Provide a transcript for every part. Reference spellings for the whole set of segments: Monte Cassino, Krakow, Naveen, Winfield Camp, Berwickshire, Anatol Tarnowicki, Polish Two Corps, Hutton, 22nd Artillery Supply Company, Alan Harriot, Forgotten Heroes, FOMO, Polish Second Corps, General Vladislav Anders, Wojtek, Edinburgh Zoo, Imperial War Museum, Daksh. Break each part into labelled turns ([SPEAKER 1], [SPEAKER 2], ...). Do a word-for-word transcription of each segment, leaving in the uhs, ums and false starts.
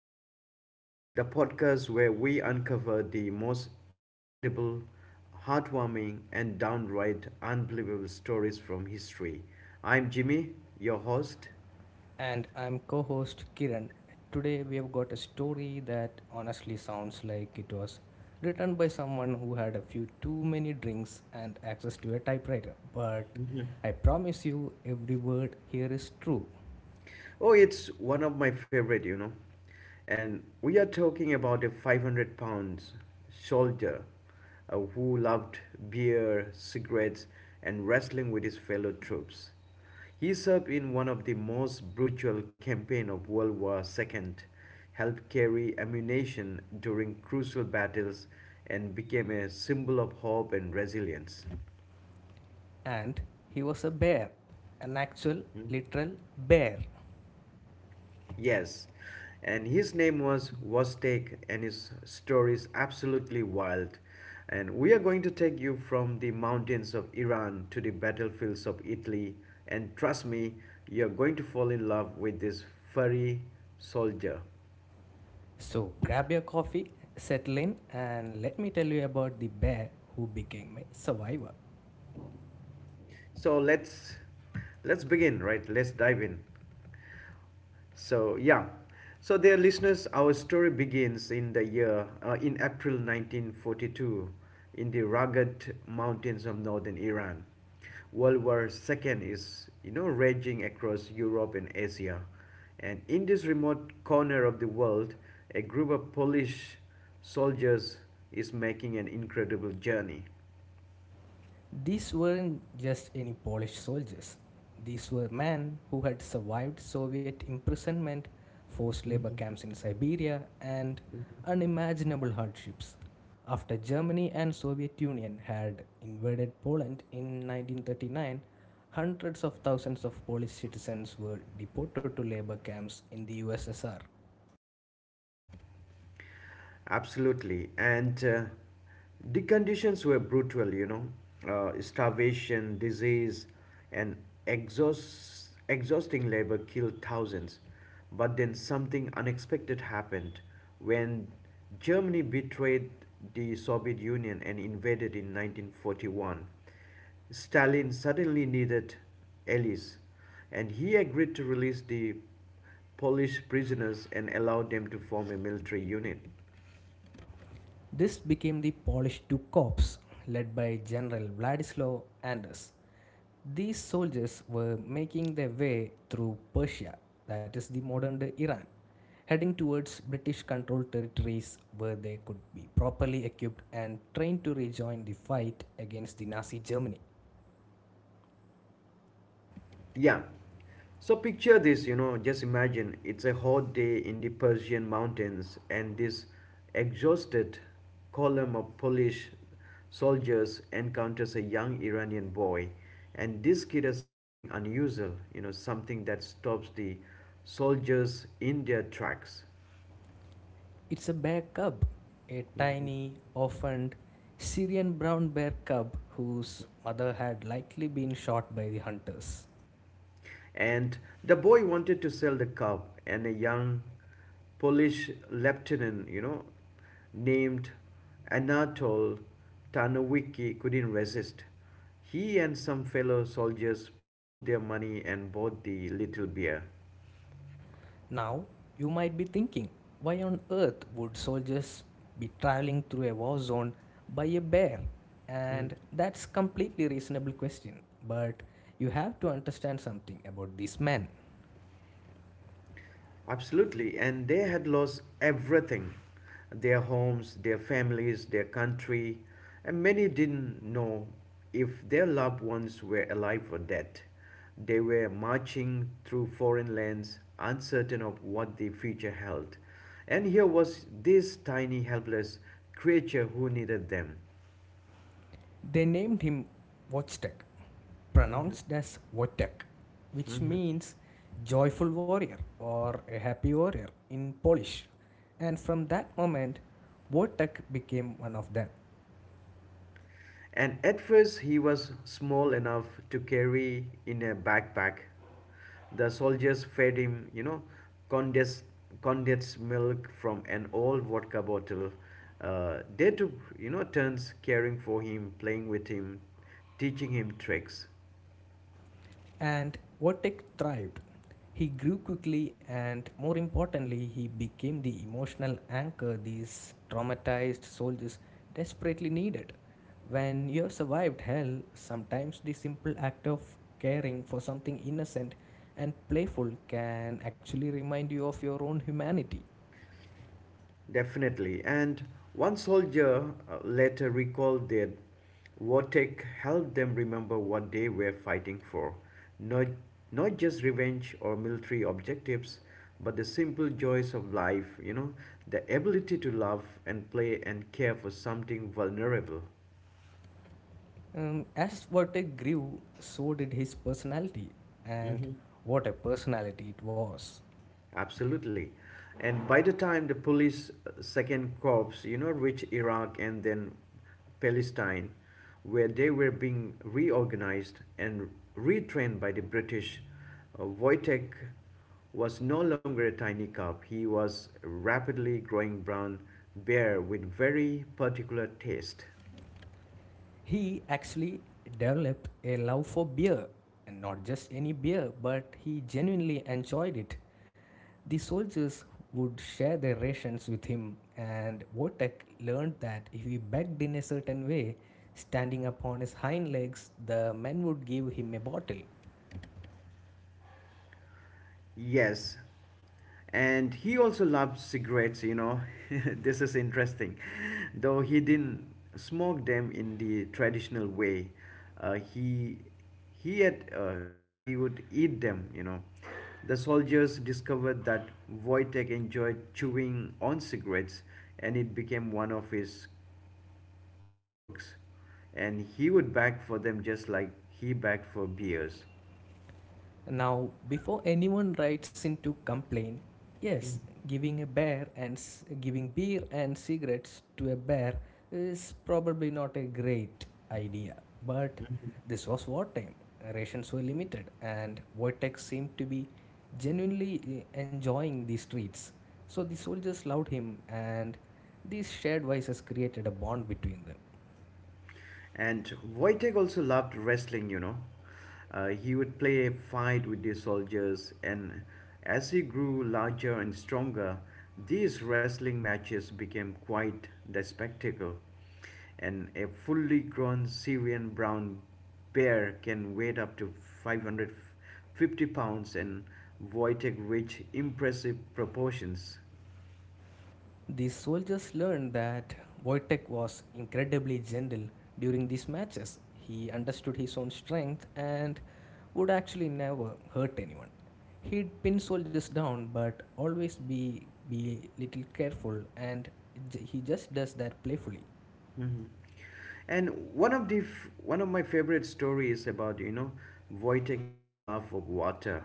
[SPEAKER 1] Heroes, the podcast where we uncover the most incredible, heartwarming, and downright unbelievable stories from history. I'm Jimmy, your host.
[SPEAKER 2] And I'm co host Kiran. Today we have got a story that honestly sounds like it was written by someone who had a few too many drinks and access to a typewriter. But I promise you, every word here is true.
[SPEAKER 1] Oh, it's one of my favorite, you know. And we are talking about a five hundred pounds soldier uh, who loved beer, cigarettes, and wrestling with his fellow troops. He served in one of the most brutal campaigns of World War two, helped carry ammunition during crucial battles, and became a symbol of hope and resilience.
[SPEAKER 2] And he was a bear, an actual,
[SPEAKER 1] Hmm?
[SPEAKER 2] literal bear.
[SPEAKER 1] Yes, and his name was Vostek, and his story is absolutely wild. And we are going to take you from the mountains of Iran to the battlefields of Italy, and trust me, you're going to fall in love with this furry soldier.
[SPEAKER 2] So grab your coffee, settle in, and let me tell you about the bear who became my survivor.
[SPEAKER 1] So let's let's begin, right? Let's dive in. So yeah, so dear listeners, our story begins in the year uh, in April nineteen forty-two in the rugged mountains of northern Iran. World War two is, you know, raging across Europe and Asia, and in this remote corner of the world, a group of Polish soldiers is making an incredible journey.
[SPEAKER 2] These weren't just any Polish soldiers. These were men who had survived Soviet imprisonment, forced labor camps in Siberia, and unimaginable hardships. After Germany and Soviet Union had invaded Poland in nineteen thirty-nine, hundreds of thousands of Polish citizens were deported to labor camps in the U S S R.
[SPEAKER 1] Absolutely. And uh, the conditions were brutal, you know, uh, starvation, disease, and exhaust, exhausting labor killed thousands. But then something unexpected happened when Germany betrayed the Soviet Union and invaded in nineteen forty-one. Stalin suddenly needed allies, and he agreed to release the Polish prisoners and allow them to form a military unit.
[SPEAKER 2] This became the Polish Two Corps, led by General Vladislav Anders. These soldiers were making their way through Persia, that is the modern day Iran, heading towards British controlled territories where they could be properly equipped and trained to rejoin the fight against the Nazi Germany.
[SPEAKER 1] Yeah. So picture this, you know, just imagine it's a hot day in the Persian mountains, and this exhausted column of Polish soldiers encounters a young Iranian boy, and this kid has something unusual, you know, something that stops the soldiers in their tracks.
[SPEAKER 2] It's a bear cub, a tiny, orphaned Syrian brown bear cub whose mother had likely been shot by the hunters.
[SPEAKER 1] And the boy wanted to sell the cow, and a young Polish lieutenant, you know, named Anatol Tarnowicki couldn't resist. He and some fellow soldiers pooled their money and bought the little bear.
[SPEAKER 2] Now, you might be thinking, why on earth would soldiers be traveling through a war zone by a bear?
[SPEAKER 1] Hmm.
[SPEAKER 2] And that's completely reasonable question, but you have to understand something about this man.
[SPEAKER 1] Absolutely, and they had lost everything: their homes, their families, their country, and many didn't know if their loved ones were alive or dead. They were marching through foreign lands, uncertain of what the future held. And here was this tiny, helpless creature who needed them.
[SPEAKER 2] They named him Wojtek, pronounced as Wojtek, which means joyful warrior or a happy warrior in Polish. And from that moment, Wojtek became one of them.
[SPEAKER 1] And at first, he was small enough to carry in a backpack. The soldiers fed him, you know, condensed, condensed milk from an old vodka bottle. Uh, they took, you know, turns caring for him, playing with him, teaching him tricks.
[SPEAKER 2] And Otek thrived. He grew quickly and, more importantly, he became the emotional anchor these traumatized soldiers desperately needed. When you have survived hell, sometimes the simple act of caring for something innocent and playful can actually remind you of your own humanity.
[SPEAKER 1] Definitely. And one soldier uh, later recalled that Wartek helped them remember what they were fighting for. Not, not just revenge or military objectives, but the simple joys of life, you know, the ability to love and play and care for something vulnerable.
[SPEAKER 2] Um, as Vertek grew, so did his personality, and
[SPEAKER 1] hmm
[SPEAKER 2] what a personality it was.
[SPEAKER 1] Absolutely. And by the time the police uh, second corps, you know, reached Iraq and then Palestine, where they were being reorganized and retrained by the British, uh, Wojtek was no longer a tiny cub. He was a rapidly growing brown bear with very particular taste.
[SPEAKER 2] He actually developed a love for beer, and not just any beer, but he genuinely enjoyed it. The soldiers would share their rations with him, and Votek learned that if he begged in a certain way, standing upon his hind legs, the men would give him a bottle.
[SPEAKER 1] Yes. And he also loved cigarettes, you know. This is interesting. Though he didn't smoke them in the traditional way, uh, he he had uh, he would eat them, you know. The soldiers discovered that Wojtek enjoyed chewing on cigarettes, and it became one of his quirks, and he would beg for them just like he begged for beers.
[SPEAKER 2] Now, before anyone writes in to complain, yes, giving a bear and s- giving beer and cigarettes to a bear is probably not a great idea. But this was wartime, rations were limited, and Wojtek seemed to be genuinely eh, enjoying the streets. So the soldiers loved him, and these shared vices created a bond between them.
[SPEAKER 1] And Wojtek also loved wrestling, you know. Uh, he would play fight with the soldiers, and as he grew larger and stronger, these wrestling matches became quite the spectacle. And a fully grown Syrian brown bear can weigh up to five hundred fifty pounds, and Wojtek reached impressive proportions.
[SPEAKER 2] The soldiers learned that Wojtek was incredibly gentle during these matches. He understood his own strength and would actually never hurt anyone. He'd pin soldiers down but always be be little careful and he just does that playfully.
[SPEAKER 1] hmm And one of the f- one of my favorite stories about, you know, Wojtek and his love of water.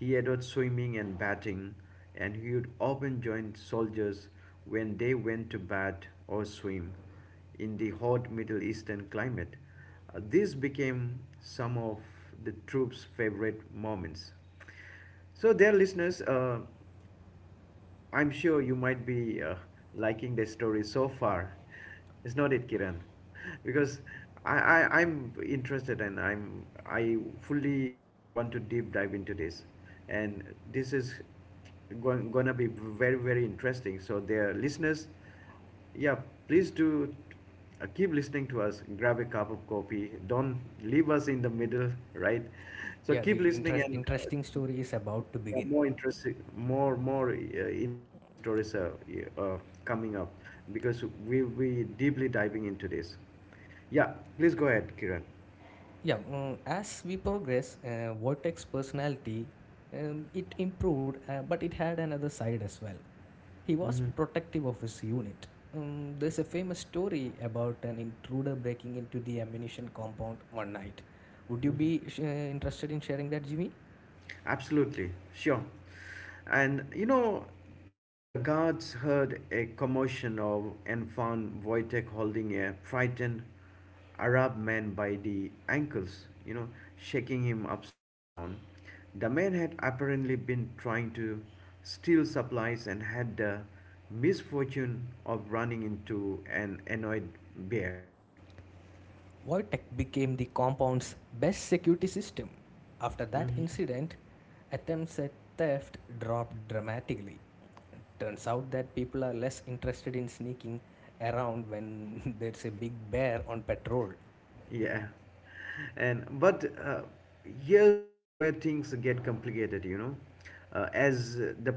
[SPEAKER 1] He adored swimming and batting, and he would often join soldiers when they went to bat or swim in the hot Middle Eastern climate. Uh, this became some of the troops' favorite moments. So, dear listeners, uh, I'm sure you might be uh, liking the story so far. Is not it, Kiran? Because I, I, I'm interested, and I'm I fully want to deep dive into this, and this is going gonna be very very interesting. So, dear listeners, yeah, please do uh, keep listening to us. Grab a cup of coffee. Don't leave us in the middle, right? So
[SPEAKER 2] Yeah,
[SPEAKER 1] keep
[SPEAKER 2] the
[SPEAKER 1] listening
[SPEAKER 2] interest,
[SPEAKER 1] and. Uh,
[SPEAKER 2] interesting story is about to
[SPEAKER 1] yeah,
[SPEAKER 2] begin.
[SPEAKER 1] more interesting, more more uh, interesting stories are uh, uh, coming up, because we'll be deeply diving into this. Yeah, please go ahead, Kiran.
[SPEAKER 2] Yeah, mm, as we progress, uh, Wojtek's personality um, it improved, uh, but it had another side as well. He was
[SPEAKER 1] Mm-hmm.
[SPEAKER 2] protective of his unit. Um, there's a famous story about an intruder breaking into the ammunition compound one night. Would you be uh, interested in sharing that, Jimmy?
[SPEAKER 1] Absolutely, sure. And you know, the guards heard a commotion of, and found Wojtek holding a frightened Arab man by the ankles, you know, shaking him upside down. The man had apparently been trying to steal supplies and had the misfortune of running into an annoyed bear.
[SPEAKER 2] Wojtek became the compound's best security system. After that
[SPEAKER 1] Mhm.
[SPEAKER 2] incident, attempts at theft dropped dramatically. Turns out that people are less interested in sneaking around when there's a big bear on patrol.
[SPEAKER 1] Yeah, and but uh, here's where things get complicated, you know. Uh, as uh, the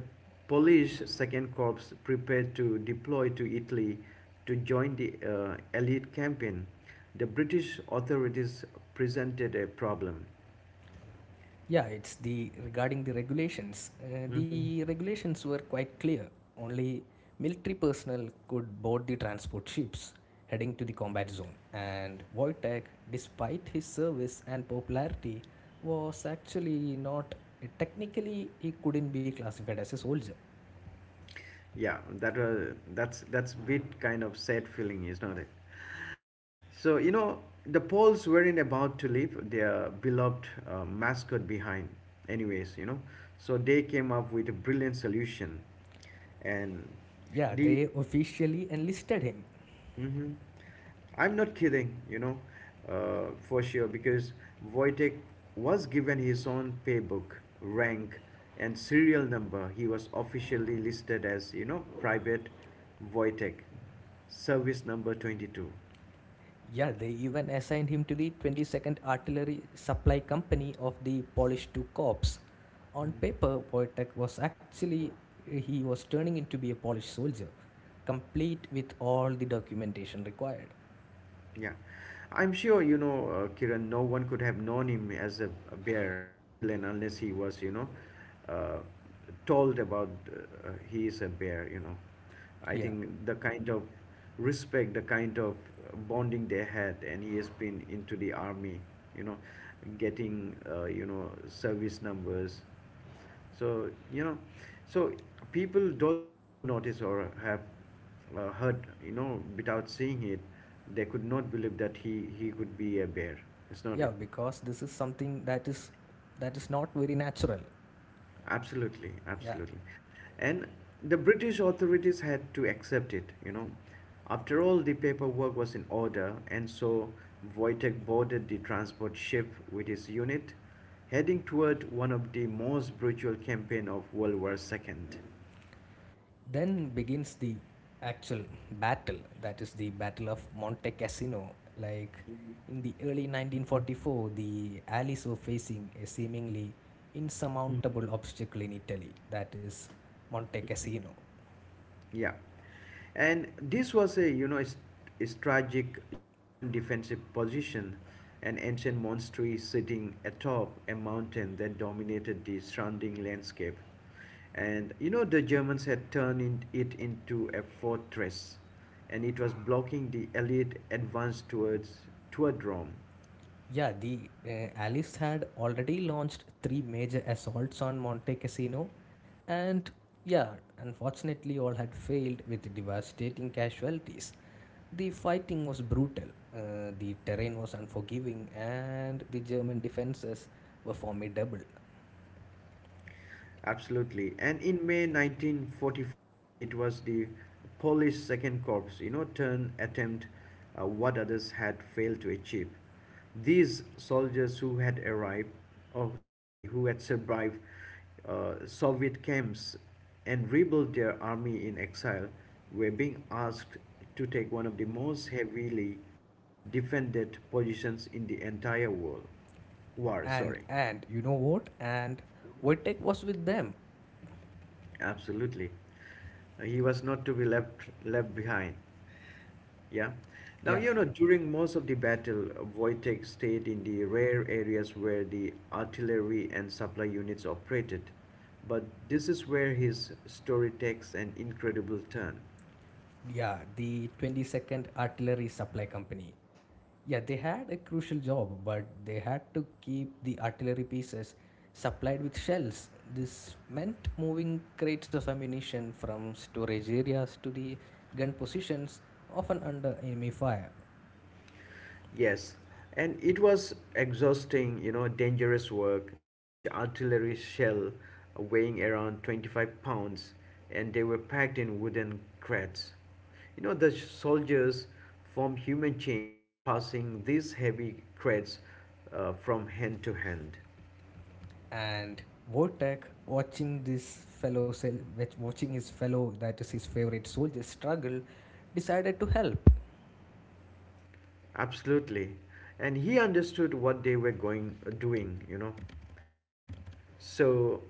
[SPEAKER 1] Polish Second Corps prepared to deploy to Italy to join the uh, elite campaign, the British authorities presented a problem.
[SPEAKER 2] Yeah, it's the regarding the regulations. Uh,
[SPEAKER 1] Hmm?
[SPEAKER 2] the regulations were quite clear. Only military personnel could board the transport ships heading to the combat zone. And Wojtek, despite his service and popularity, was actually not uh, technically he couldn't be classified as a soldier.
[SPEAKER 1] Yeah, that was that's that's bit kind of sad feeling, is not it? So, you know, the Poles weren't about to leave their beloved uh, mascot behind, anyways, you know. So they came up with a brilliant solution. And
[SPEAKER 2] Yeah,
[SPEAKER 1] the.
[SPEAKER 2] they officially enlisted him.
[SPEAKER 1] Mhm. I'm not kidding, you know, uh, for sure, because Wojtek was given his own paybook, rank, and serial number. He was officially listed as, you know, Private Wojtek, service number twenty-two.
[SPEAKER 2] Yeah, they even assigned him to the twenty-second Artillery Supply Company of the Polish two Corps. On
[SPEAKER 1] Mm.
[SPEAKER 2] paper, Wojtek was actually he was turning into be a Polish soldier, complete with all the documentation required.
[SPEAKER 1] Yeah, I'm sure, you know, uh, Kiran. No one could have known him as a bear until and unless he was, you know, uh, told about uh, uh, he is a bear. You know, I
[SPEAKER 2] Yeah,
[SPEAKER 1] think the kind of respect, the kind of bonding they had, and he has been into the army. You know, getting uh, you know service numbers. So, you know, so people, those who have not noticed or have uh, heard, you know, without seeing it, they could not believe that he, he could be a bear. It's not
[SPEAKER 2] yeah,
[SPEAKER 1] it.
[SPEAKER 2] because this is something that is that is not very natural.
[SPEAKER 1] Absolutely,
[SPEAKER 2] Yeah.
[SPEAKER 1] absolutely. And the British authorities had to accept it, you know. After all, the paperwork was in order, and so Wojtek boarded the transport ship with his unit, heading toward one of the most brutal campaigns of World War two.
[SPEAKER 2] Then begins the actual battle, that is the Battle of Monte Cassino. Like in the early nineteen forty-four, the Allies were facing a seemingly insurmountable obstacle in Italy, that is Monte Cassino.
[SPEAKER 1] Yeah. And this was a, you know, a st- a strategic German defensive position, an ancient monastery sitting atop a mountain that dominated the surrounding landscape. And, you know, the Germans had turned in, it into a fortress, and it was blocking the elite advance towards toward Rome.
[SPEAKER 2] Yeah, the uh, Allies had already launched three major assaults on Monte Cassino, and yeah, unfortunately, all had failed with devastating casualties. The fighting was brutal, uh, the terrain was unforgiving, and the German defenses were formidable.
[SPEAKER 1] Absolutely. And in May nineteen forty-four, it was the Polish Second Corps, you know, turn attempt uh, what others had failed to achieve. These soldiers who had arrived, oh, sorry, who had survived uh, Soviet camps and rebuilt their army in exile, were being asked to take one of the most heavily defended positions in the entire world. War,
[SPEAKER 2] And
[SPEAKER 1] sorry.
[SPEAKER 2] and you know what? And Wojtek was with them.
[SPEAKER 1] Absolutely. Uh, He was not to be left left behind. Yeah. Now,
[SPEAKER 2] Yeah,
[SPEAKER 1] you know, during most of the battle, Wojtek stayed in the rare areas where the artillery and supply units operated. But this is where his story takes an incredible turn.
[SPEAKER 2] yeah. The twenty-second Artillery Supply Company. Yeah, they had a crucial job, but they had to keep the artillery pieces supplied with shells. This meant moving crates of ammunition from storage areas to the gun positions, often under enemy fire.
[SPEAKER 1] Yes, and it was exhausting, you know, dangerous work. Each artillery shell weighing around twenty-five pounds, and they were packed in wooden crates. You know, the soldiers formed human chains, passing these heavy crates uh, from hand to hand.
[SPEAKER 2] And Vortek, watching this fellow cell watching his fellow, that is his favorite soldier, struggle, decided to help.
[SPEAKER 1] Absolutely. And he understood what they were going uh, doing, you know. So,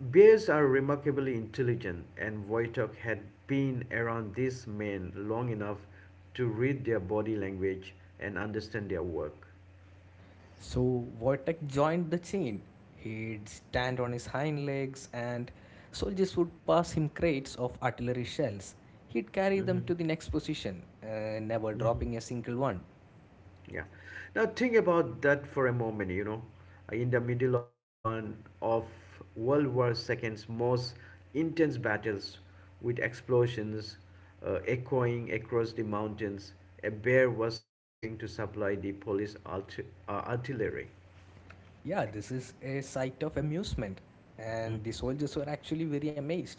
[SPEAKER 1] bears are remarkably intelligent, and Wojtok had been around these men long enough to read their body language and understand their work.
[SPEAKER 2] So Vortek joined the chain. He'd stand on his hind legs and soldiers would pass him crates of artillery shells. He'd carry them
[SPEAKER 1] hmm
[SPEAKER 2] to the next position, uh, never dropping a single one.
[SPEAKER 1] Yeah. Now, think about that for a moment, you know. In the middle of one of World War two's most intense battles, with explosions uh, echoing across the mountains, a bear was helping to supply the police art- uh, artillery.
[SPEAKER 2] Yeah, this is a sight of amusement, and the soldiers were actually very amazed.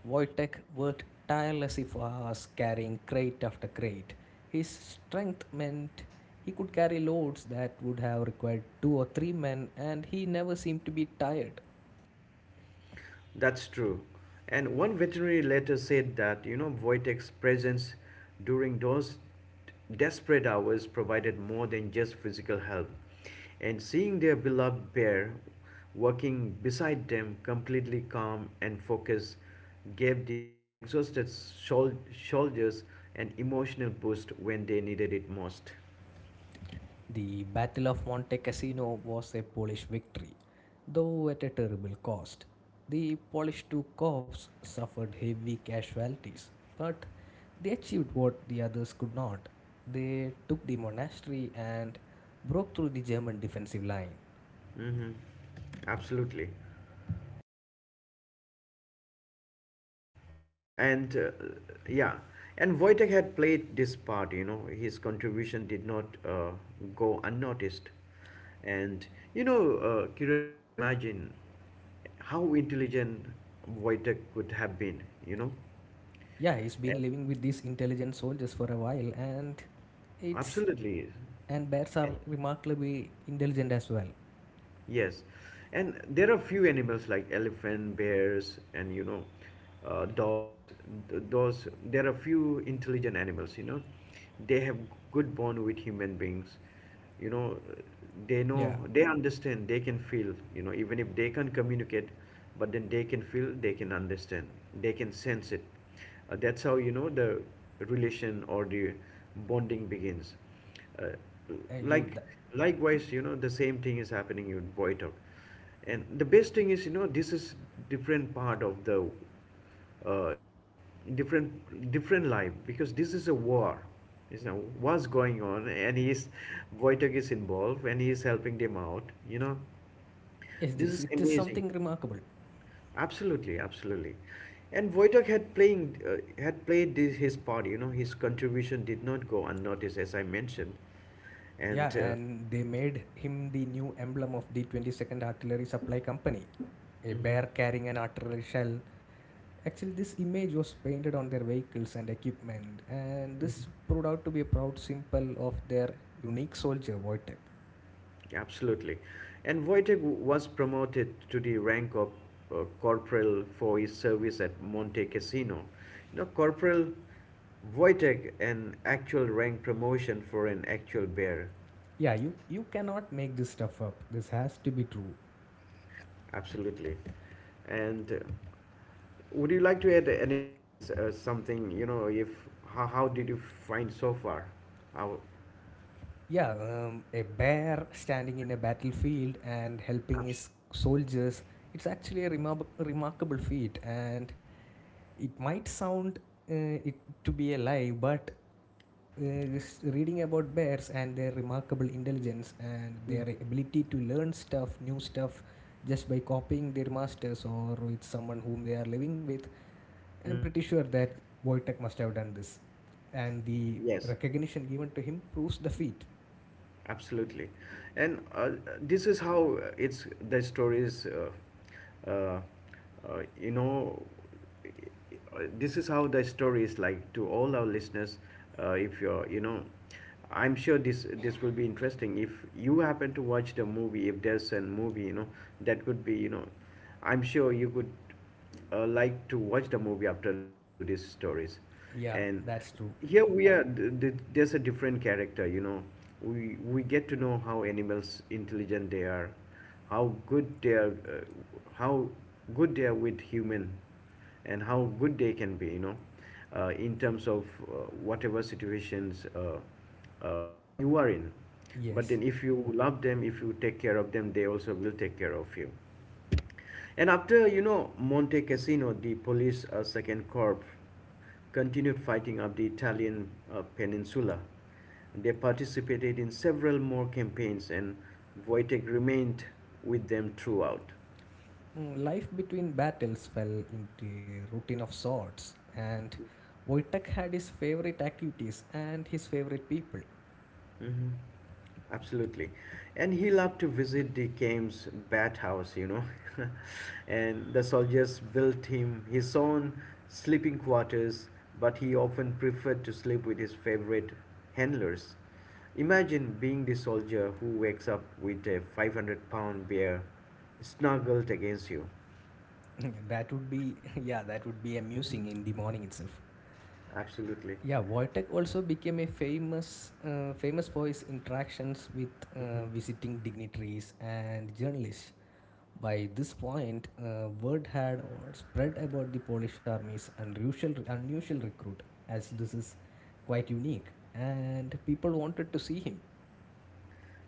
[SPEAKER 2] Wojtek worked tirelessly for hours, carrying crate after crate. His strength meant he could carry loads that would have required two or three men, and he never seemed to be tired.
[SPEAKER 1] That's true. And one veterinary later said that, you know, Wojtek's presence during those desperate hours provided more than just physical help. And seeing their beloved bear working beside them, completely calm and focused, gave the exhausted sol- soldiers an emotional boost when they needed it most.
[SPEAKER 2] The Battle of Monte Cassino was a Polish victory, though at a terrible cost. The Polish two corps suffered heavy casualties, but they achieved what the others could not. They took the monastery and broke through the German defensive line.
[SPEAKER 1] Mm-hmm. Absolutely. and uh, yeah and Wojtek had played this part, you know, his contribution did not uh, go unnoticed. And you know, uh, Kiran, just imagine how intelligent Wojtek could have been, you know.
[SPEAKER 2] Yeah, he's
[SPEAKER 1] And
[SPEAKER 2] been living with these intelligent soldiers for a while, and it's
[SPEAKER 1] absolutely.
[SPEAKER 2] and bears are remarkably intelligent as well.
[SPEAKER 1] Yes, and there are few animals like elephant, bears, and, you know, uh, dogs. Th- Those there are few intelligent animals. You know, they have good bond with human beings. You know, they
[SPEAKER 2] Yeah,
[SPEAKER 1] know, they understand. They can feel. You know, even if they can't communicate, but then they can feel. They can understand. They can sense it. Uh, that's how you know the relation or the bonding begins uh,
[SPEAKER 2] uh, you.
[SPEAKER 1] like
[SPEAKER 2] That,
[SPEAKER 1] likewise you know the same thing is happening in Boytok, and the best thing is, you know, this is different part of the uh, different different life because this is a war, you know what's going on, and he is Wojtek is involved and he is helping them out, you know,
[SPEAKER 2] it
[SPEAKER 1] this
[SPEAKER 2] is
[SPEAKER 1] is
[SPEAKER 2] it is
[SPEAKER 1] amazing.
[SPEAKER 2] something remarkable.
[SPEAKER 1] Absolutely, absolutely. And Wojtek had playing uh, had played this, his part. You know, his contribution did not go unnoticed, as I mentioned.
[SPEAKER 2] Yeah,
[SPEAKER 1] And uh,
[SPEAKER 2] and they made him the new emblem of the twenty-second Artillery Supply Company, a
[SPEAKER 1] mhm,
[SPEAKER 2] bear carrying an artillery shell. Actually, this image was painted on their vehicles and equipment, and this proved out to be a proud symbol of their unique soldier, Wojtek.
[SPEAKER 1] absolutely, and Wojtek w- was promoted to the rank of uh, corporal for his service at Monte Cassino. You know, corporal Wojtek, an actual rank promotion for an actual bear.
[SPEAKER 2] Yeah, you, you cannot make this stuff up. This has to be true.
[SPEAKER 1] Absolutely. And uh, would you like to add anything else? Uh, something, you know, if how, how did you find so far? How,
[SPEAKER 2] Yeah, um, a bear standing in a battlefield and helping his
[SPEAKER 1] absolutely.
[SPEAKER 2] soldiers. It's actually a remar- remarkable feat, and it might sound uh, it to be a lie, but uh, reading about bears and their remarkable intelligence and their ability to learn stuff new stuff just by copying their masters or with someone whom they are living with, I'm pretty
[SPEAKER 1] Mm-hmm.
[SPEAKER 2] sure that Wojtek must have done this, and the
[SPEAKER 1] Yes.
[SPEAKER 2] recognition given to him proves the feat.
[SPEAKER 1] Absolutely, and uh, this is how it's the story is. Uh, uh, uh, you know, uh, this is how the story is like to all our listeners. Uh, if you're, you know, I'm sure this this will be interesting. If you happen to watch the movie, if there's a movie, you know, that would be, you know, I'm sure you would, uh, like to watch the movie after listening to these stories.
[SPEAKER 2] Yeah,
[SPEAKER 1] And
[SPEAKER 2] that's true.
[SPEAKER 1] here we are, th- th- there's a different character, you know, we we get to know how animals intelligent they are, how good they are, uh, how good they are with human, and how good they can be, you know, uh, in terms of, uh, whatever situations uh, uh, you are in. But
[SPEAKER 2] Yes.
[SPEAKER 1] then if you love them, if you take care of them, they also will take care of you. And after, you know, Monte Cassino, the police uh, second corps continued fighting up the Italian uh, peninsula. They participated in several more campaigns, and Wojtek remained with them throughout.
[SPEAKER 2] Mm, Life between battles fell into a routine of sorts, and Wojtek had his favorite activities and his favorite people.
[SPEAKER 1] Hmm. Absolutely. And he loved to visit the King's bathhouse, you know. And the soldiers built him his own sleeping quarters, but he often preferred to sleep with his favorite handlers. Imagine being the soldier who wakes up with a five hundred pound bear snuggled against you.
[SPEAKER 2] That would be yeah, that would be amusing in the morning itself.
[SPEAKER 1] Absolutely.
[SPEAKER 2] Yeah, Wojtek also became a famous uh, famous for his interactions with uh, visiting dignitaries and journalists. By this point, uh, word had or spread about the Polish army's unusual unusual recruit, as this is quite unique, and people wanted to see him.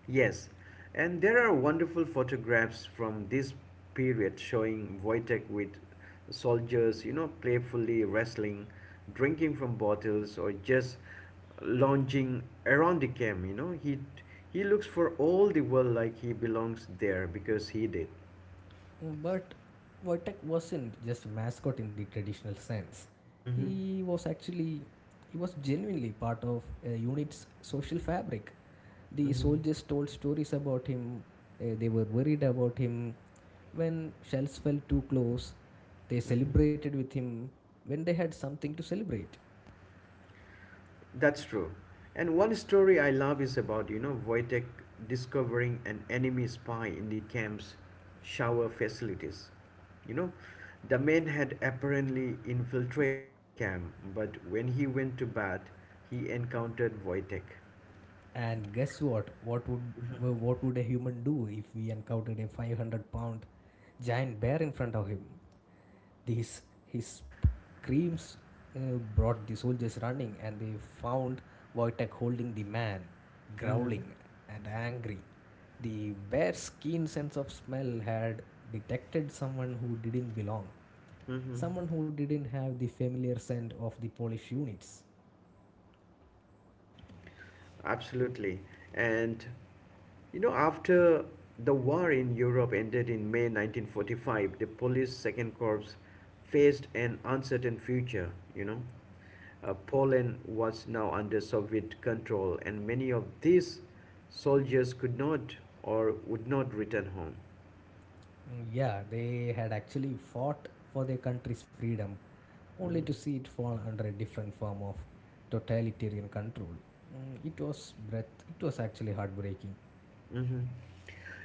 [SPEAKER 1] Yes, and there are wonderful photographs from this period showing Wojtek with soldiers, you know, playfully wrestling, drinking from bottles, or just lounging around the camp. You know, he he looks for all the world like he belongs there because he did.
[SPEAKER 2] But Wojtek wasn't just a mascot in the traditional sense.
[SPEAKER 1] Mm-hmm.
[SPEAKER 2] He was actually, he was genuinely part of a unit's social fabric. The
[SPEAKER 1] Mm-hmm.
[SPEAKER 2] soldiers told stories about him, uh, they were worried about him. When shells fell too close, they celebrated with him when they had something to celebrate.
[SPEAKER 1] That's true. And one story I love is about, you know, Wojtek discovering an enemy spy in the camp's shower facilities. You know, the man had apparently infiltrated the camp, but when he went to bat, he encountered Wojtek.
[SPEAKER 2] And guess what? What would what would a human do if we encountered a five hundred pound giant bear in front of him? These his screams uh, brought the soldiers running, and they found Wojtek holding the man,
[SPEAKER 1] Mm-hmm.
[SPEAKER 2] growling and angry. The bear's keen sense of smell had detected someone who didn't belong,
[SPEAKER 1] Mm-hmm.
[SPEAKER 2] someone who didn't have the familiar scent of the Polish units.
[SPEAKER 1] Absolutely. And you know, after the war in Europe ended in May nineteen forty-five, the Polish Second Corps faced an uncertain future, you know. Uh, Poland was now under Soviet control, and many of these soldiers could not or would not return home.
[SPEAKER 2] Mm, Yeah, they had actually fought for their country's freedom, only
[SPEAKER 1] Mhm.
[SPEAKER 2] to see it fall under a different form of totalitarian control. Mm, It was breath. It was actually heartbreaking.
[SPEAKER 1] Hmm.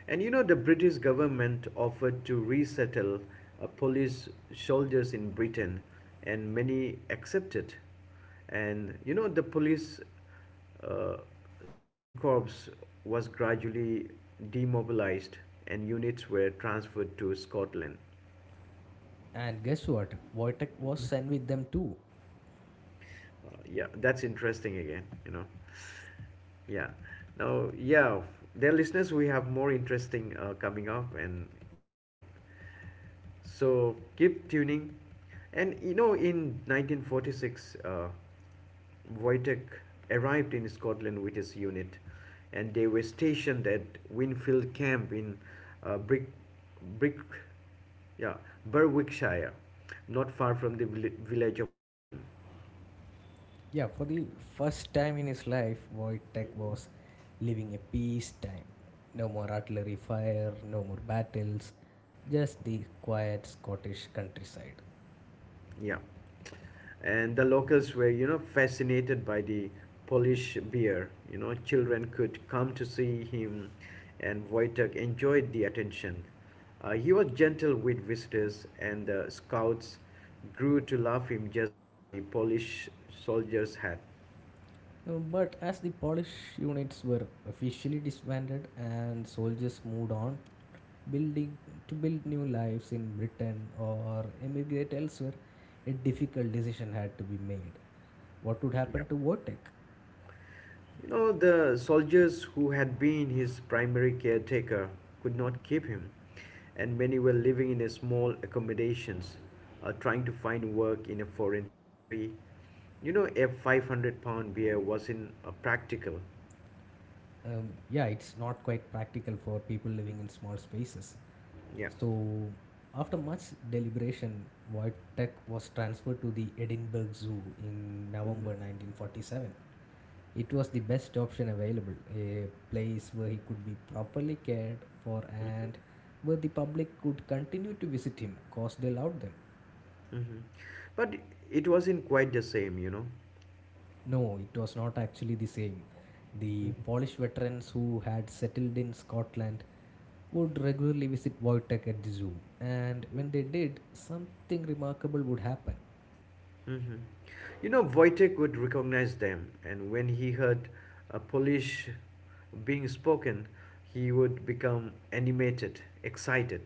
[SPEAKER 1] And you know, the British government offered to resettle uh, Polish soldiers in Britain, and many accepted. And you know, the police uh, second corps was gradually demobilized, and units were transferred to Scotland.
[SPEAKER 2] And guess what? Wojtek was sent with them too.
[SPEAKER 1] Uh, yeah, that's interesting again, you know. Yeah. Now, yeah, dear listeners, we have more interesting uh, coming up, and yeah, so keep tuning. And you know, in nineteen forty-six, uh, Wojtek arrived in Scotland with his unit, and they were stationed at Winfield Camp in uh, Brick, Brick, yeah, Berwickshire, not far from the vill- village of Hutton.
[SPEAKER 2] Yeah, for the first time in his life, Wojtek was living a peace time. No more artillery fire, no more battles, just the quiet Scottish countryside.
[SPEAKER 1] Yeah. And the locals were, you know, fascinated by the Polish beer. You know, children could come to see him, and Wojtek enjoyed the attention. Uh, he was gentle with visitors, and the scouts grew to love him just as the Polish soldiers had.
[SPEAKER 2] Uh, But as the Polish units were officially disbanded and soldiers moved on, building to build new lives in Britain or emigrate elsewhere, a difficult decision had to be made. What would happen
[SPEAKER 1] Yep.
[SPEAKER 2] to Wojtek?
[SPEAKER 1] You know, the soldiers who had been his primary caretaker could not keep him, and many were living in a small accommodations, uh, trying to find work in a foreign country. You know, a five hundred pound beer wasn't uh, practical.
[SPEAKER 2] um, yeah, it's not quite practical for people living in small spaces.
[SPEAKER 1] Yeah.
[SPEAKER 2] So, after much deliberation, Wojtek was transferred to the Edinburgh Zoo in
[SPEAKER 1] Hmm.
[SPEAKER 2] November nineteen forty-seven. It was the best option available, a place where he could be properly cared for
[SPEAKER 1] Hmm.
[SPEAKER 2] and where the public could continue to visit him because they loved them.
[SPEAKER 1] Hmm. But it wasn't quite the same, you know.
[SPEAKER 2] No, it was not actually the same. The Polish veterans who had settled in Scotland would regularly visit Wojtek at the zoo, and when they did, something remarkable would happen.
[SPEAKER 1] Hmm. You know, Wojtek would recognize them, and when he heard a Polish being spoken, he would become animated, excited.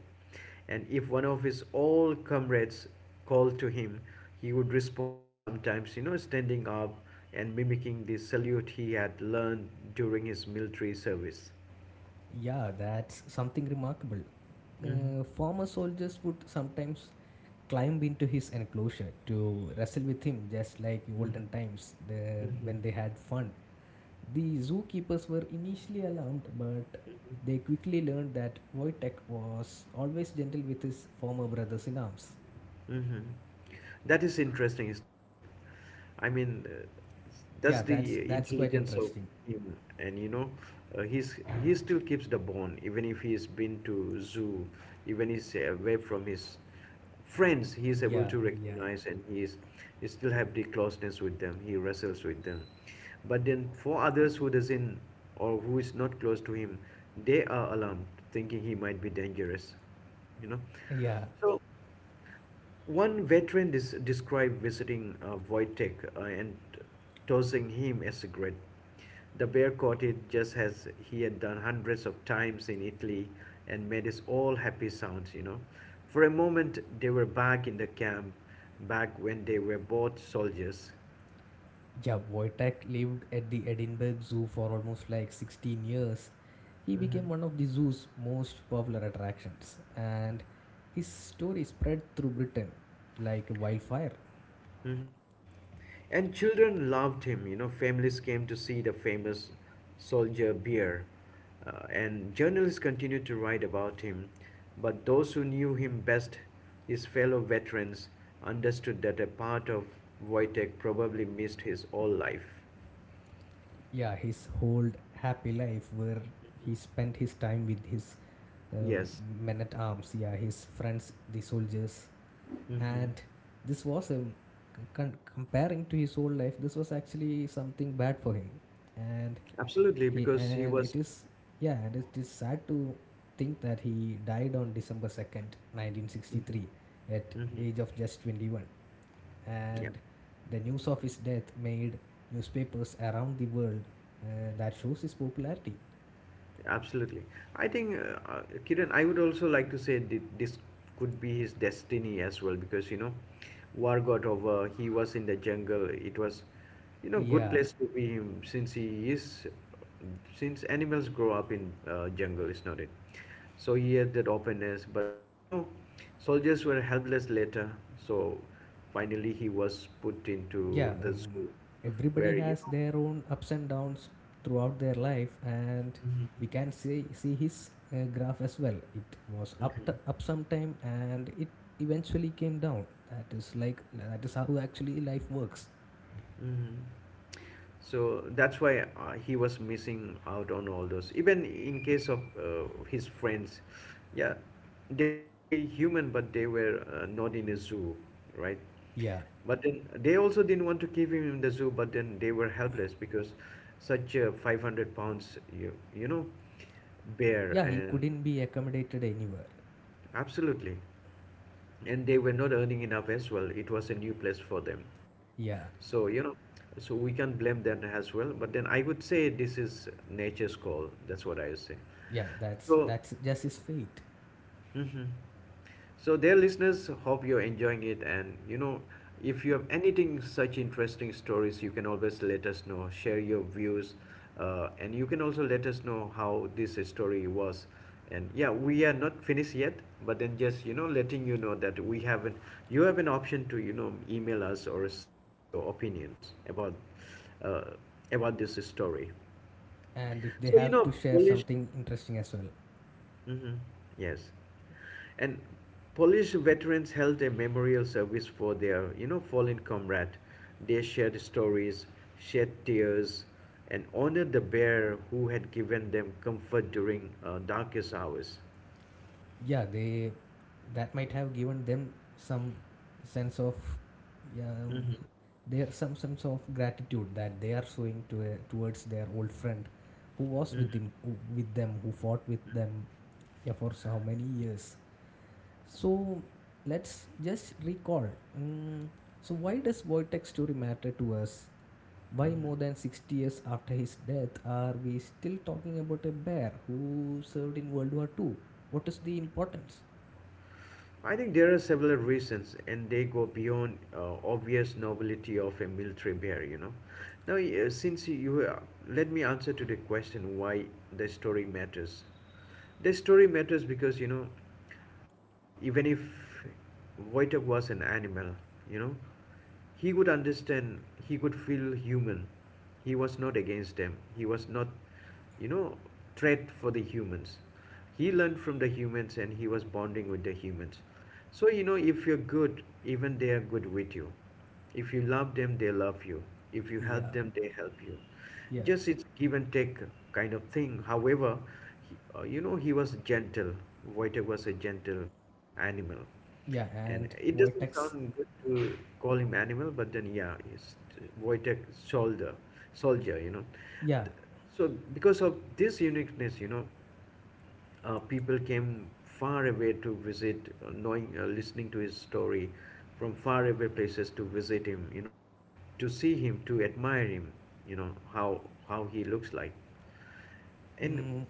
[SPEAKER 1] And if one of his old comrades called to him, he would respond, sometimes, you know, standing up and mimicking the salute he had learned during his military service.
[SPEAKER 2] Yeah, that's something remarkable. Uh, former soldiers would sometimes climb into his enclosure to wrestle with him, just like in olden times the, when they had fun. The zookeepers were initially alarmed, but they quickly learned that Wojtek was always gentle with his former brothers in arms.
[SPEAKER 1] Mm-hmm. That is interesting, is not it? I mean, uh, that's
[SPEAKER 2] Yeah, that's
[SPEAKER 1] the
[SPEAKER 2] that's quite
[SPEAKER 1] intelligence of
[SPEAKER 2] interesting.
[SPEAKER 1] him, and you know, uh, he's he still keeps the bond, even if he's been to zoo, even he's away from his friends, he is able
[SPEAKER 2] Yeah,
[SPEAKER 1] to
[SPEAKER 2] yeah,
[SPEAKER 1] recognize, and he is he still have the closeness with them. He wrestles with them, but then for others who doesn't or who is not close to him, they are alarmed, thinking he might be dangerous, you know.
[SPEAKER 2] yeah.
[SPEAKER 1] So. One veteran des- described visiting uh, Wojtek uh, and tossing him a cigarette. The bear caught it just as he had done hundreds of times in Italy, and made his all happy sounds, you know. For a moment, they were back in the camp, back when they were both soldiers.
[SPEAKER 2] Yeah, Wojtek lived at the Edinburgh Zoo for almost like sixteen years. He became
[SPEAKER 1] Mhm.
[SPEAKER 2] one of the zoo's most popular attractions, and his story spread through Britain like wildfire.
[SPEAKER 1] Hmm. And children loved him. You know, families came to see the famous soldier bear, uh, and journalists continued to write about him. But those who knew him best, his fellow veterans, understood that a part of Wojtek probably missed his whole life.
[SPEAKER 2] Yeah, his whole happy life, where he spent his time with his uh,
[SPEAKER 1] Yes.
[SPEAKER 2] men at arms, yeah, his friends, the soldiers,
[SPEAKER 1] Hmm.
[SPEAKER 2] and this was a con- comparing to his whole life, this was actually something bad for him, and
[SPEAKER 1] Absolutely,
[SPEAKER 2] He
[SPEAKER 1] because he
[SPEAKER 2] and
[SPEAKER 1] was.
[SPEAKER 2] it is yeah, and it is sad to think that he died on December 2nd,
[SPEAKER 1] Mhm.
[SPEAKER 2] 1963 at
[SPEAKER 1] Mhm.
[SPEAKER 2] age of just twenty-one.
[SPEAKER 1] Yeah.
[SPEAKER 2] And the news of his death made newspapers around the world, uh, that shows his popularity.
[SPEAKER 1] Absolutely. I think, uh, uh, Kiran, I would also like to say thi- this could be his destiny as well because, you know, war got over, he was in the jungle. It was, you know, good
[SPEAKER 2] Yeah,
[SPEAKER 1] place to be him since he is, since animals grow up in uh, jungle, is not it? So he had that openness, but then, you know, soldiers were helpless later. So finally he was put
[SPEAKER 2] yeah
[SPEAKER 1] into the
[SPEAKER 2] um,
[SPEAKER 1] zoo
[SPEAKER 2] everybody
[SPEAKER 1] where, you
[SPEAKER 2] has
[SPEAKER 1] know,
[SPEAKER 2] their own ups and downs throughout their life, and
[SPEAKER 1] Mhm.
[SPEAKER 2] we can see see his uh, graph as well. It was up t-
[SPEAKER 1] Mhm.
[SPEAKER 2] up sometime and it eventually came down. That is like that is how actually life works.
[SPEAKER 1] Mhm. So that's why uh, he was missing out on all those. Even in case of uh, his friends, yeah, they might be human, but they were uh, not in a zoo, right?
[SPEAKER 2] Yeah,
[SPEAKER 1] But then they also didn't want to keep him in the zoo, but then they were helpless because such a five hundred pounds, you, you know, bear
[SPEAKER 2] yeah, he
[SPEAKER 1] and
[SPEAKER 2] couldn't be accommodated anywhere.
[SPEAKER 1] absolutely and they were not earning enough as well. It was a new place for them.
[SPEAKER 2] Yeah,
[SPEAKER 1] So, you know, so we can blame them as well. But then I would say this is nature's call. That's what I would say.
[SPEAKER 2] yeah, that's
[SPEAKER 1] So,
[SPEAKER 2] that's just his fate.
[SPEAKER 1] hmm. So, dear listeners, hope you're enjoying it. And you know, if you have anything such interesting stories, you can always let us know. Share your views, uh, and you can also let us know how this story was. And yeah, we are not finished yet, but then just you know, letting you know that we have an, you have an option to you know email us or share your opinions about uh, about this story.
[SPEAKER 2] And if they
[SPEAKER 1] So you
[SPEAKER 2] have to
[SPEAKER 1] know,
[SPEAKER 2] share
[SPEAKER 1] Polish.
[SPEAKER 2] something interesting as well.
[SPEAKER 1] Hmm. Yes. And Polish veterans held a memorial service for their, you know, fallen comrade. They shared stories, shed tears, and honored the bear who had given them comfort during uh, darkest hours.
[SPEAKER 2] Yeah, they, that might have given them some sense of um,
[SPEAKER 1] Hmm.
[SPEAKER 2] there some sense of gratitude that they are showing to a, towards their old friend who was with them, who, with them, who fought with them, yeah, for so how many years. So let's just recall, mm, so why does Wojtek's story matter to us? Why
[SPEAKER 1] Hmm.
[SPEAKER 2] more than sixty years after his death are we still talking about a bear who served in World War Two? What is the importance?
[SPEAKER 1] I think there are several reasons, and they go beyond uh, obvious nobility of a military bear. You know, now uh, since you uh, let me answer to the question why the story matters. The story matters because you know, uh, even if Wojtek was an animal, you know, he could understand, he could feel human. He was not against them. He was not, you know, threat for the humans. He learned from the humans, and he was bonding with the humans. So, you know, if you're good, even they are good with you. If you love them, they love you. If you help
[SPEAKER 2] Yeah,
[SPEAKER 1] them, they help you.
[SPEAKER 2] yeah.
[SPEAKER 1] Just it's give and take kind of thing. However, he, uh, you know, he was gentle. Voiter was a gentle animal.
[SPEAKER 2] Yeah,
[SPEAKER 1] And
[SPEAKER 2] and
[SPEAKER 1] it doesn't
[SPEAKER 2] Wojtek's.
[SPEAKER 1] sound good to call him animal, but then yeah, it's Wojtek Soldier, soldier, you know.
[SPEAKER 2] Yeah,
[SPEAKER 1] Th- So because of this uniqueness, you know, uh, people came far away to visit, uh, knowing, uh, listening to his story, from far away places to visit him, you know, to see him, to admire him, you know, how how he looks like. And
[SPEAKER 2] mm,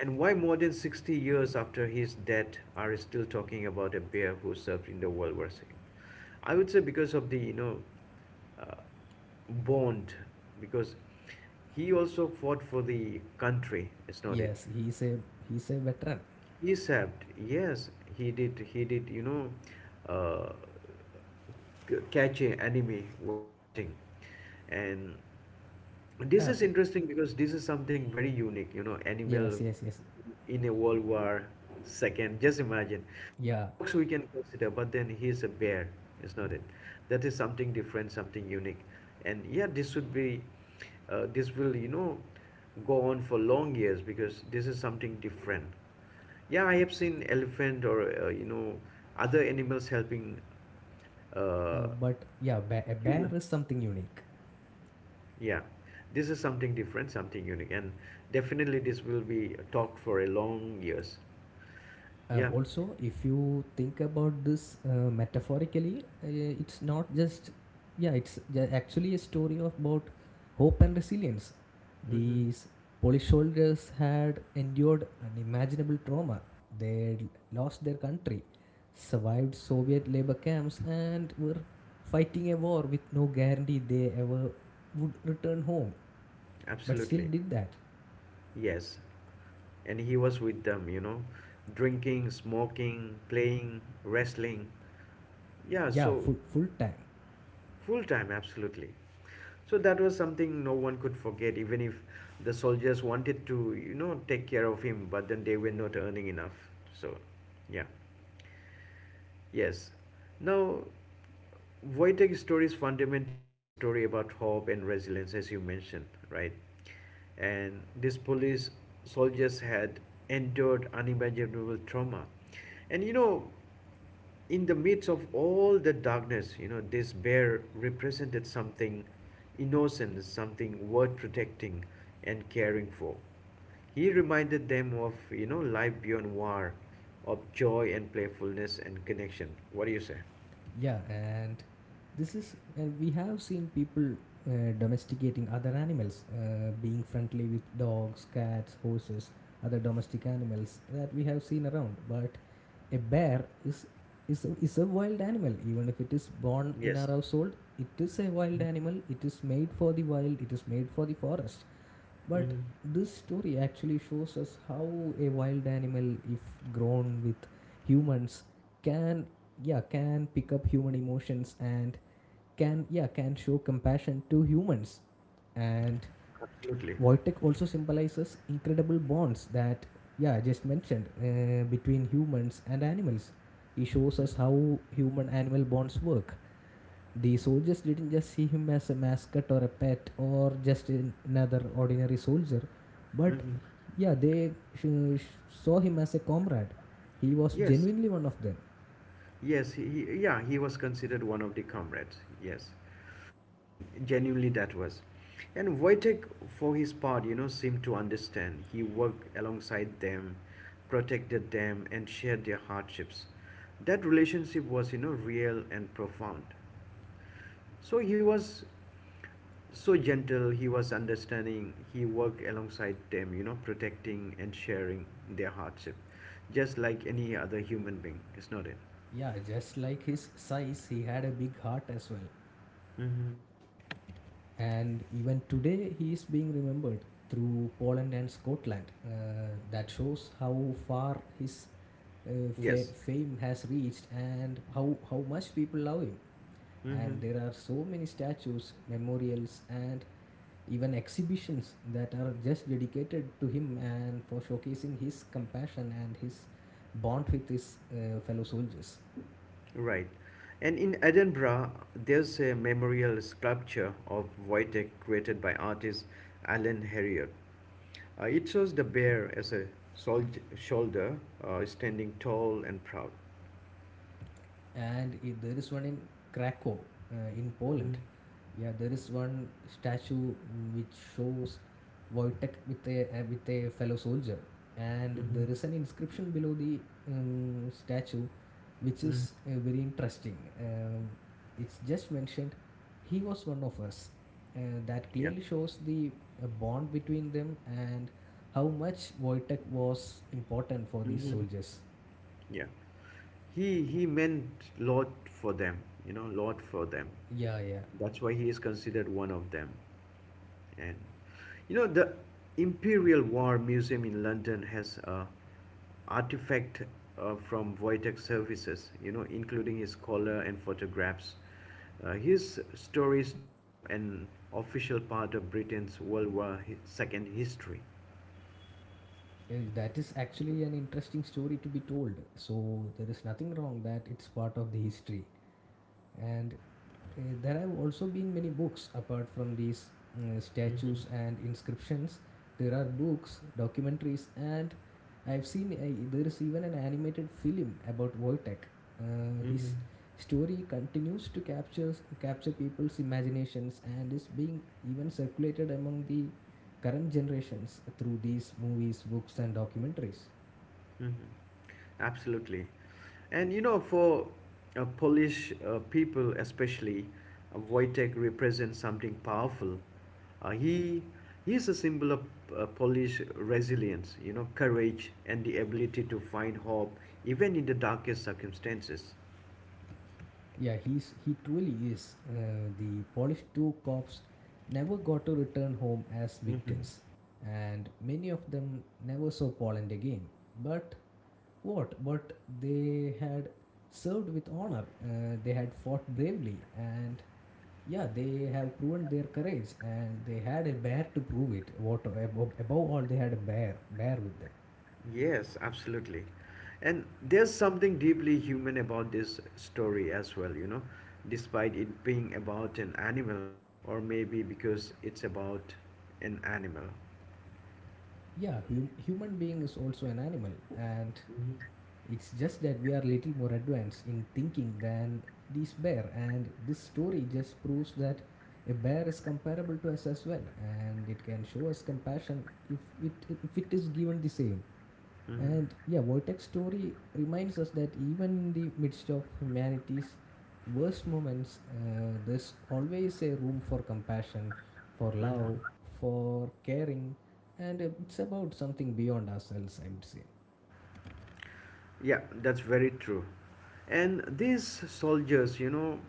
[SPEAKER 1] and why more than sixty years after his death are still talking about a bear who served in the World War the second? I would say because of the you know uh, bond, because he also fought for the country. It's not it.
[SPEAKER 2] yes, he's a he's a veteran.
[SPEAKER 1] He served. Yes, he did. He did. You know, uh, c- catch a enemy while batting, and this
[SPEAKER 2] Oh,
[SPEAKER 1] is interesting because this is something very unique, you know, animal
[SPEAKER 2] yes, yes, yes,
[SPEAKER 1] in a World War Second. Just imagine. Yeah,
[SPEAKER 2] yeah.
[SPEAKER 1] dogs we can consider, but then he's a bear, is not it? That is something different, something unique, and yeah, this should be, uh, this will you know, go on for long years because this is something different. Yeah, I have seen elephant or uh, you know other animals helping
[SPEAKER 2] Uh,
[SPEAKER 1] uh,
[SPEAKER 2] but yeah, bear, a bear
[SPEAKER 1] human.
[SPEAKER 2] is something unique.
[SPEAKER 1] Yeah, this is something different, something unique, and definitely this will be talked for a long years.
[SPEAKER 2] Uh,
[SPEAKER 1] Yeah,
[SPEAKER 2] also, if you think about this uh, metaphorically, uh, it's not just, yeah, it's ju- actually a story about hope and resilience.
[SPEAKER 1] mm-hmm,
[SPEAKER 2] These Polish soldiers had endured unimaginable trauma. They lost their country, survived Soviet labor camps, and were fighting a war with no guarantee they ever would return home, but still
[SPEAKER 1] absolutely.
[SPEAKER 2] did that.
[SPEAKER 1] Yes, and he was with them, you know, drinking, smoking, playing, wrestling. Yeah,
[SPEAKER 2] Yeah,
[SPEAKER 1] so
[SPEAKER 2] full, full time.
[SPEAKER 1] full time, absolutely. So that was something no one could forget, even if the soldiers wanted to, you know, take care of him, but then they were not earning enough. So, yeah. Yes. Now, Wojtek's story is fundamentally a story about hope and resilience, as you mentioned, right? And these police soldiers had endured unimaginable trauma. And you know, in the midst of all the darkness, you know, this bear represented something innocent, something worth protecting and caring for. He reminded them of, you know, life beyond war, of joy and playfulness and connection. What do you say?
[SPEAKER 2] Yeah, and this is, uh, we have seen people uh, domesticating other animals, uh, being friendly with dogs, cats, horses, other domestic animals that we have seen around. But a bear is is a, is a wild animal. Even if it is born in
[SPEAKER 1] Yes.
[SPEAKER 2] our household, it is a wild animal. It is made for the wild. It is made for the forest. But
[SPEAKER 1] Hmm.
[SPEAKER 2] this story actually shows us how a wild animal, if grown with humans, can, yeah, can pick up human emotions and can, yeah, can show compassion to humans. And
[SPEAKER 1] Absolutely.
[SPEAKER 2] Wojtek also symbolizes incredible bonds that, yeah, I just mentioned, uh, between humans and animals. He shows us how human animal bonds work. The soldiers didn't just see him as a mascot or a pet or just another ordinary soldier, but
[SPEAKER 1] Hmm.
[SPEAKER 2] yeah, they sh- sh- saw him as a comrade. He was
[SPEAKER 1] Yes.
[SPEAKER 2] genuinely one of them.
[SPEAKER 1] Yes, he, he- yeah, he was considered one of the comrades. Yes, and genuinely that was. And Wojtek, for his part, you know, seemed to understand. He worked alongside them, protected them, and shared their hardships. That relationship was, you know, real and profound. So he was so gentle, he was understanding, he worked alongside them, you know, protecting and sharing their hardship, just like any other human being, is not it?
[SPEAKER 2] Yeah, just like his size, he had a big heart as well.
[SPEAKER 1] Mm-hmm.
[SPEAKER 2] And even today, he is being remembered through Poland and Scotland. Uh, that shows how far his uh, fa-
[SPEAKER 1] Yes.
[SPEAKER 2] fame has reached and how, how much people love him.
[SPEAKER 1] Mm-hmm.
[SPEAKER 2] And there are so many statues, memorials, and even exhibitions that are just dedicated to him and for showcasing his compassion and his bond with his uh, fellow soldiers.
[SPEAKER 1] Right. And in Edinburgh, there's a memorial sculpture of Wojtek created by artist Alan Harriot. Uh, it shows the bear as a sol- shoulder uh, standing tall and proud.
[SPEAKER 2] And i- there is one in Krakow, uh, in
[SPEAKER 1] Mm-hmm.
[SPEAKER 2] Poland. Yeah, there is one statue, mm, which shows Wojtek with a, uh, with a fellow soldier, and
[SPEAKER 1] Mm-hmm.
[SPEAKER 2] there is an inscription below the um, statue, which is
[SPEAKER 1] Hmm.
[SPEAKER 2] uh, very interesting. Um, it's just mentioned, he was one of us. Uh, that
[SPEAKER 1] Yeah.
[SPEAKER 2] clearly shows the uh, bond between them and how much Wojtek was important for these
[SPEAKER 1] Mm-hmm.
[SPEAKER 2] soldiers.
[SPEAKER 1] Yeah. He, he meant lot for them, you know, lot for them.
[SPEAKER 2] Yeah, yeah.
[SPEAKER 1] That's why he is considered one of them. And you know, the Imperial War Museum in London has a artifact uh, from Wojtek services, you know, including his collar and photographs. Uh, his story is now an official part of Britain's World War two history.
[SPEAKER 2] Eh, that is actually an interesting story to be told. So there is nothing wrong that it's part of the history, and uh, there have also been many books. Apart from these uh,
[SPEAKER 1] Mm-hmm.
[SPEAKER 2] statues and inscriptions, there are books, documentaries, and I've seen a, there is even an animated film about Wojtek. Uh,
[SPEAKER 1] Mm-hmm.
[SPEAKER 2] his story continues to capture capture people's imaginations and is being even circulated among the current generations through these movies, books, and documentaries.
[SPEAKER 1] Mm-hmm. Absolutely. And you know, for uh, Polish uh, people especially, uh, Wojtek represents something powerful. Uh, he he is a symbol of uh, Polish resilience, you know, courage and the ability to find hope even in the darkest circumstances.
[SPEAKER 2] Yeah, he's he truly is. Uh, the Polish two cops never got to return home as
[SPEAKER 1] Mm.
[SPEAKER 2] victors, and many of them never saw Poland again. But what? But they had served with honor. Uh, they had fought bravely, and yeah, they have proven their courage, and they had a bear to prove it. What Above, above all, they had a bear, bear with them.
[SPEAKER 1] Yes, absolutely. And there's something deeply human about this story as well, you know, despite it being about an animal, or maybe because it's about an animal.
[SPEAKER 2] Yeah, hum, human being is also an animal, and
[SPEAKER 1] Mhm.
[SPEAKER 2] it's just that we are little more advanced in thinking than these bear, and this story just proves that a bear is comparable to us as well, and it can show us compassion if it, if it is given the same.
[SPEAKER 1] Mhm.
[SPEAKER 2] And yeah, Wojtek's story reminds us that even in the midst of humanity's worst moments, uh, there's always a room for compassion, for love,
[SPEAKER 1] Mhm.
[SPEAKER 2] for caring, and uh, it's about something beyond ourselves, I would say.
[SPEAKER 1] Yeah, that's very true. And these soldiers, you know,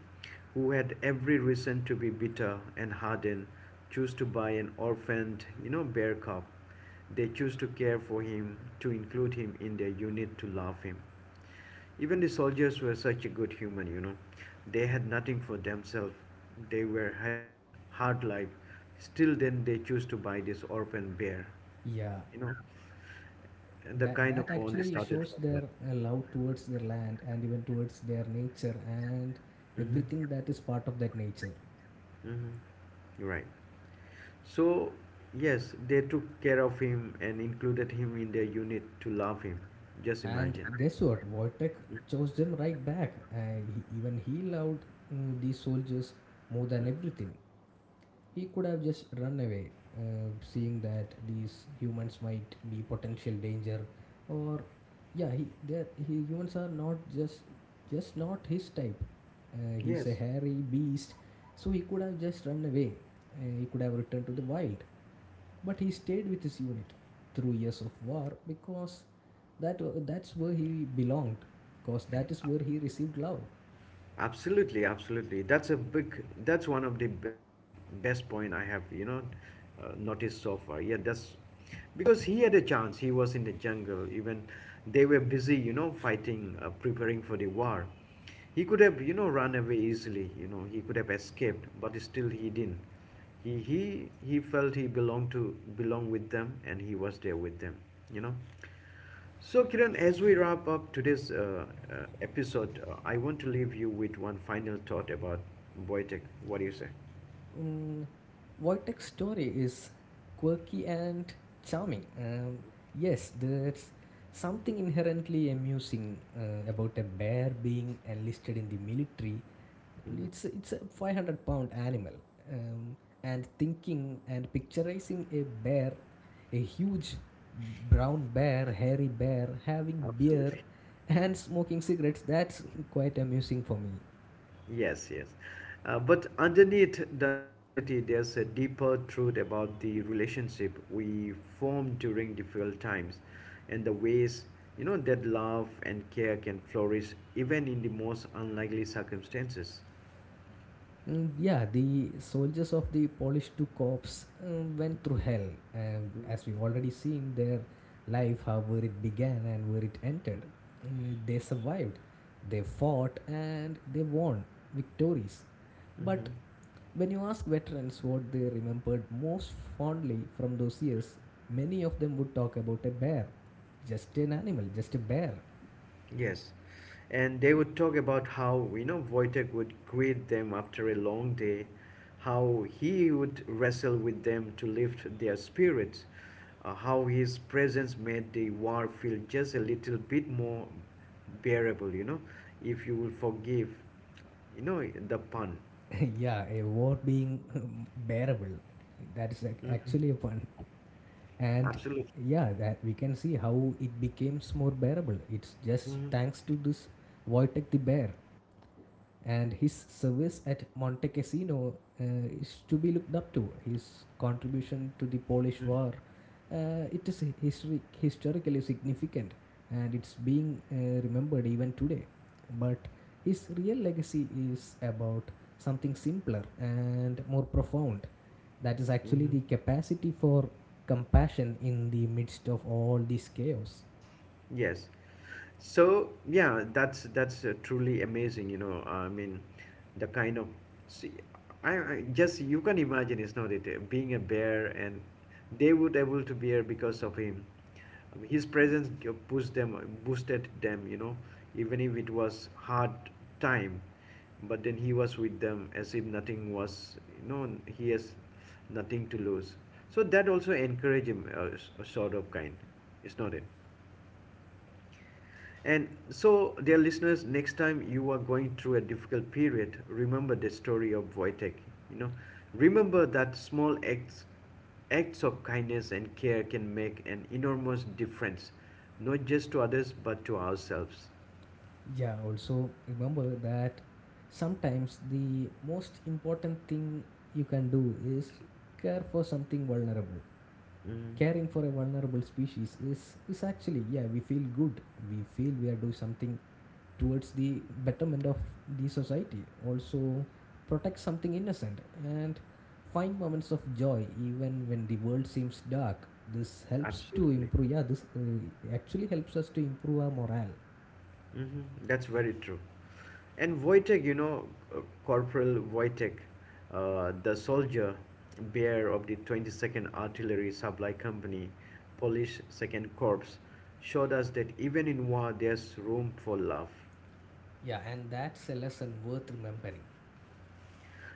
[SPEAKER 1] who had every reason to be bitter and hardened, choose to buy an orphaned, you know, bear cub. They choose to care for him, to include him in their unit, to love him. Even the soldiers were such a good human, you know. They had nothing for themselves. They were having hard life. Still then they choose to buy this orphan bear,
[SPEAKER 2] Yeah,
[SPEAKER 1] you know. And the
[SPEAKER 2] that
[SPEAKER 1] kind of
[SPEAKER 2] that
[SPEAKER 1] bond
[SPEAKER 2] actually
[SPEAKER 1] started
[SPEAKER 2] shows
[SPEAKER 1] from
[SPEAKER 2] their
[SPEAKER 1] that.
[SPEAKER 2] uh, love towards their land and even towards their nature and
[SPEAKER 1] Mm-hmm.
[SPEAKER 2] everything that is part of that nature.
[SPEAKER 1] Mm-hmm. Right. So, yes, they took care of him and included him in their unit to love him. Just
[SPEAKER 2] And
[SPEAKER 1] imagine.
[SPEAKER 2] guess what, Wojtek chose them right back. Uh, he, even he loved, mm, these soldiers more than everything. He could have just run away, uh, seeing that these humans might be potential danger, or yeah, he they he humans are not just just not his type. Uh, he's a
[SPEAKER 1] Yes.
[SPEAKER 2] hairy beast, so he could have just run away. Uh, he could have returned to the wild, but he stayed with his unit through years of war because that that's where he belonged, because that is where he received love.
[SPEAKER 1] Absolutely, absolutely. That's a big. That's one of the uh, best point I have, you know, uh, noticed so far. Yeah, that's because he had a chance. He was in the jungle. Even they were busy, you know, fighting, uh, preparing for the war. He could have, you know, run away easily. You know, he could have escaped, but still he didn't. He he he felt he belonged to belonged with them, and he was there with them. You know. So, Kiran, as we wrap up today's uh, uh, episode, uh, I want to leave you with one final thought about Boytech. What do you say?
[SPEAKER 2] Um, Wojtek's story is quirky and charming. Um, yes, there's something inherently amusing uh, about a bear being enlisted in the military.
[SPEAKER 1] Mm,
[SPEAKER 2] It's, it's a five hundred pound animal. Um, and thinking and picturizing a bear, a huge brown bear, hairy bear, having beer
[SPEAKER 1] absolutely.
[SPEAKER 2] and smoking cigarettes, that's quite amusing for me.
[SPEAKER 1] Yes, yes. Uh, but underneath the novelty, there's a deeper truth about the relationship we form during difficult times and the ways you know that love and care can flourish even in the most unlikely circumstances.
[SPEAKER 2] Mm, yeah, the soldiers of the Polish two corps, um, went through hell, and as we already seen their life, how where it began and where it ended. Uh, they survived, they fought, and they won victories. But
[SPEAKER 1] Mm-hmm.
[SPEAKER 2] when you ask veterans what they remembered most fondly from those years, many of them would talk about a bear, just an animal, just a bear.
[SPEAKER 1] Yes, and they would talk about how you know Wojtek would greet them after a long day, how he would wrestle with them to lift their spirits, uh, how his presence made the war feel just a little bit more bearable. You know, if you will forgive, you know the pun.
[SPEAKER 2] Yeah, a war being bearable. That is ac- actually a
[SPEAKER 1] Hmm.
[SPEAKER 2] pun. And
[SPEAKER 1] Absolutely.
[SPEAKER 2] yeah, that we can see how it becomes more bearable. It's just
[SPEAKER 1] Hmm.
[SPEAKER 2] thanks to this Wojtek the bear, and his service at Monte Cassino uh, is to be looked up to. His contribution to the Polish
[SPEAKER 1] Hmm.
[SPEAKER 2] War, uh, it is histori- historically significant, and it's being uh, remembered even today. But his real legacy is about something simpler and more profound. That is actually
[SPEAKER 1] Hmm.
[SPEAKER 2] the capacity for compassion in the midst of all this chaos.
[SPEAKER 1] Yes. So yeah, that's that's uh, truly amazing. You know, I mean, the kind of see, I, I just you can imagine, it's not it? uh, Being a bear, and they would able to bear because of him. I mean, his presence g- pushed them, boosted them. You know, even if it was hard time, but then he was with them as if nothing was. You know, he has nothing to lose. So that also encourage him, uh, s- sort of kind, It's not it? And so, dear listeners, next time you are going through a difficult period, remember the story of Wojtek. You know, remember that small acts, acts of kindness and care can make an enormous difference, not just to others but to ourselves.
[SPEAKER 2] Yeah, also remember that sometimes the most important thing you can do is care for something vulnerable.
[SPEAKER 1] Mm,
[SPEAKER 2] Caring for a vulnerable species is, is actually, yeah, we feel good. We feel we are doing something towards the betterment of the society. Also, protect something innocent and find moments of joy even when the world seems dark. This helps to
[SPEAKER 1] absolutely.
[SPEAKER 2] improve, yeah, this uh, actually helps us to improve our morale.
[SPEAKER 1] Hmm. That's very true. And Wojtek, you know, uh, Corporal Wojtek, uh, the soldier bear of the twenty-second Artillery Supply Company, Polish Second Corps, showed us that even in war there's room for love.
[SPEAKER 2] Yeah, and that's a lesson worth remembering.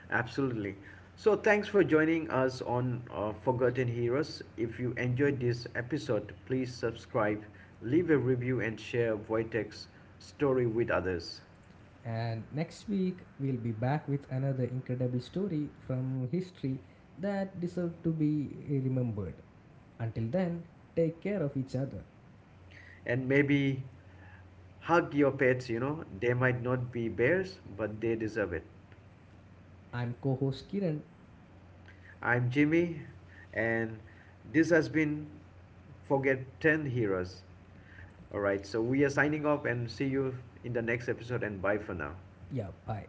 [SPEAKER 1] Absolutely. So thanks for joining us on uh, Forgotten Heroes. If you enjoyed this episode, please subscribe, leave a review, and share Wojtek's story with others.
[SPEAKER 2] And next week, we'll be back with another incredible story from history that deserve to be remembered. Until then, take care of each other.
[SPEAKER 1] And maybe hug your pets, you know. They might not be bears, but they deserve it.
[SPEAKER 2] I'm co host Kiran.
[SPEAKER 1] I'm Jimmy, and this has been Forget ten Heroes. All right, so we are signing off and see you in the next episode, and bye for now.
[SPEAKER 2] Yeah, bye.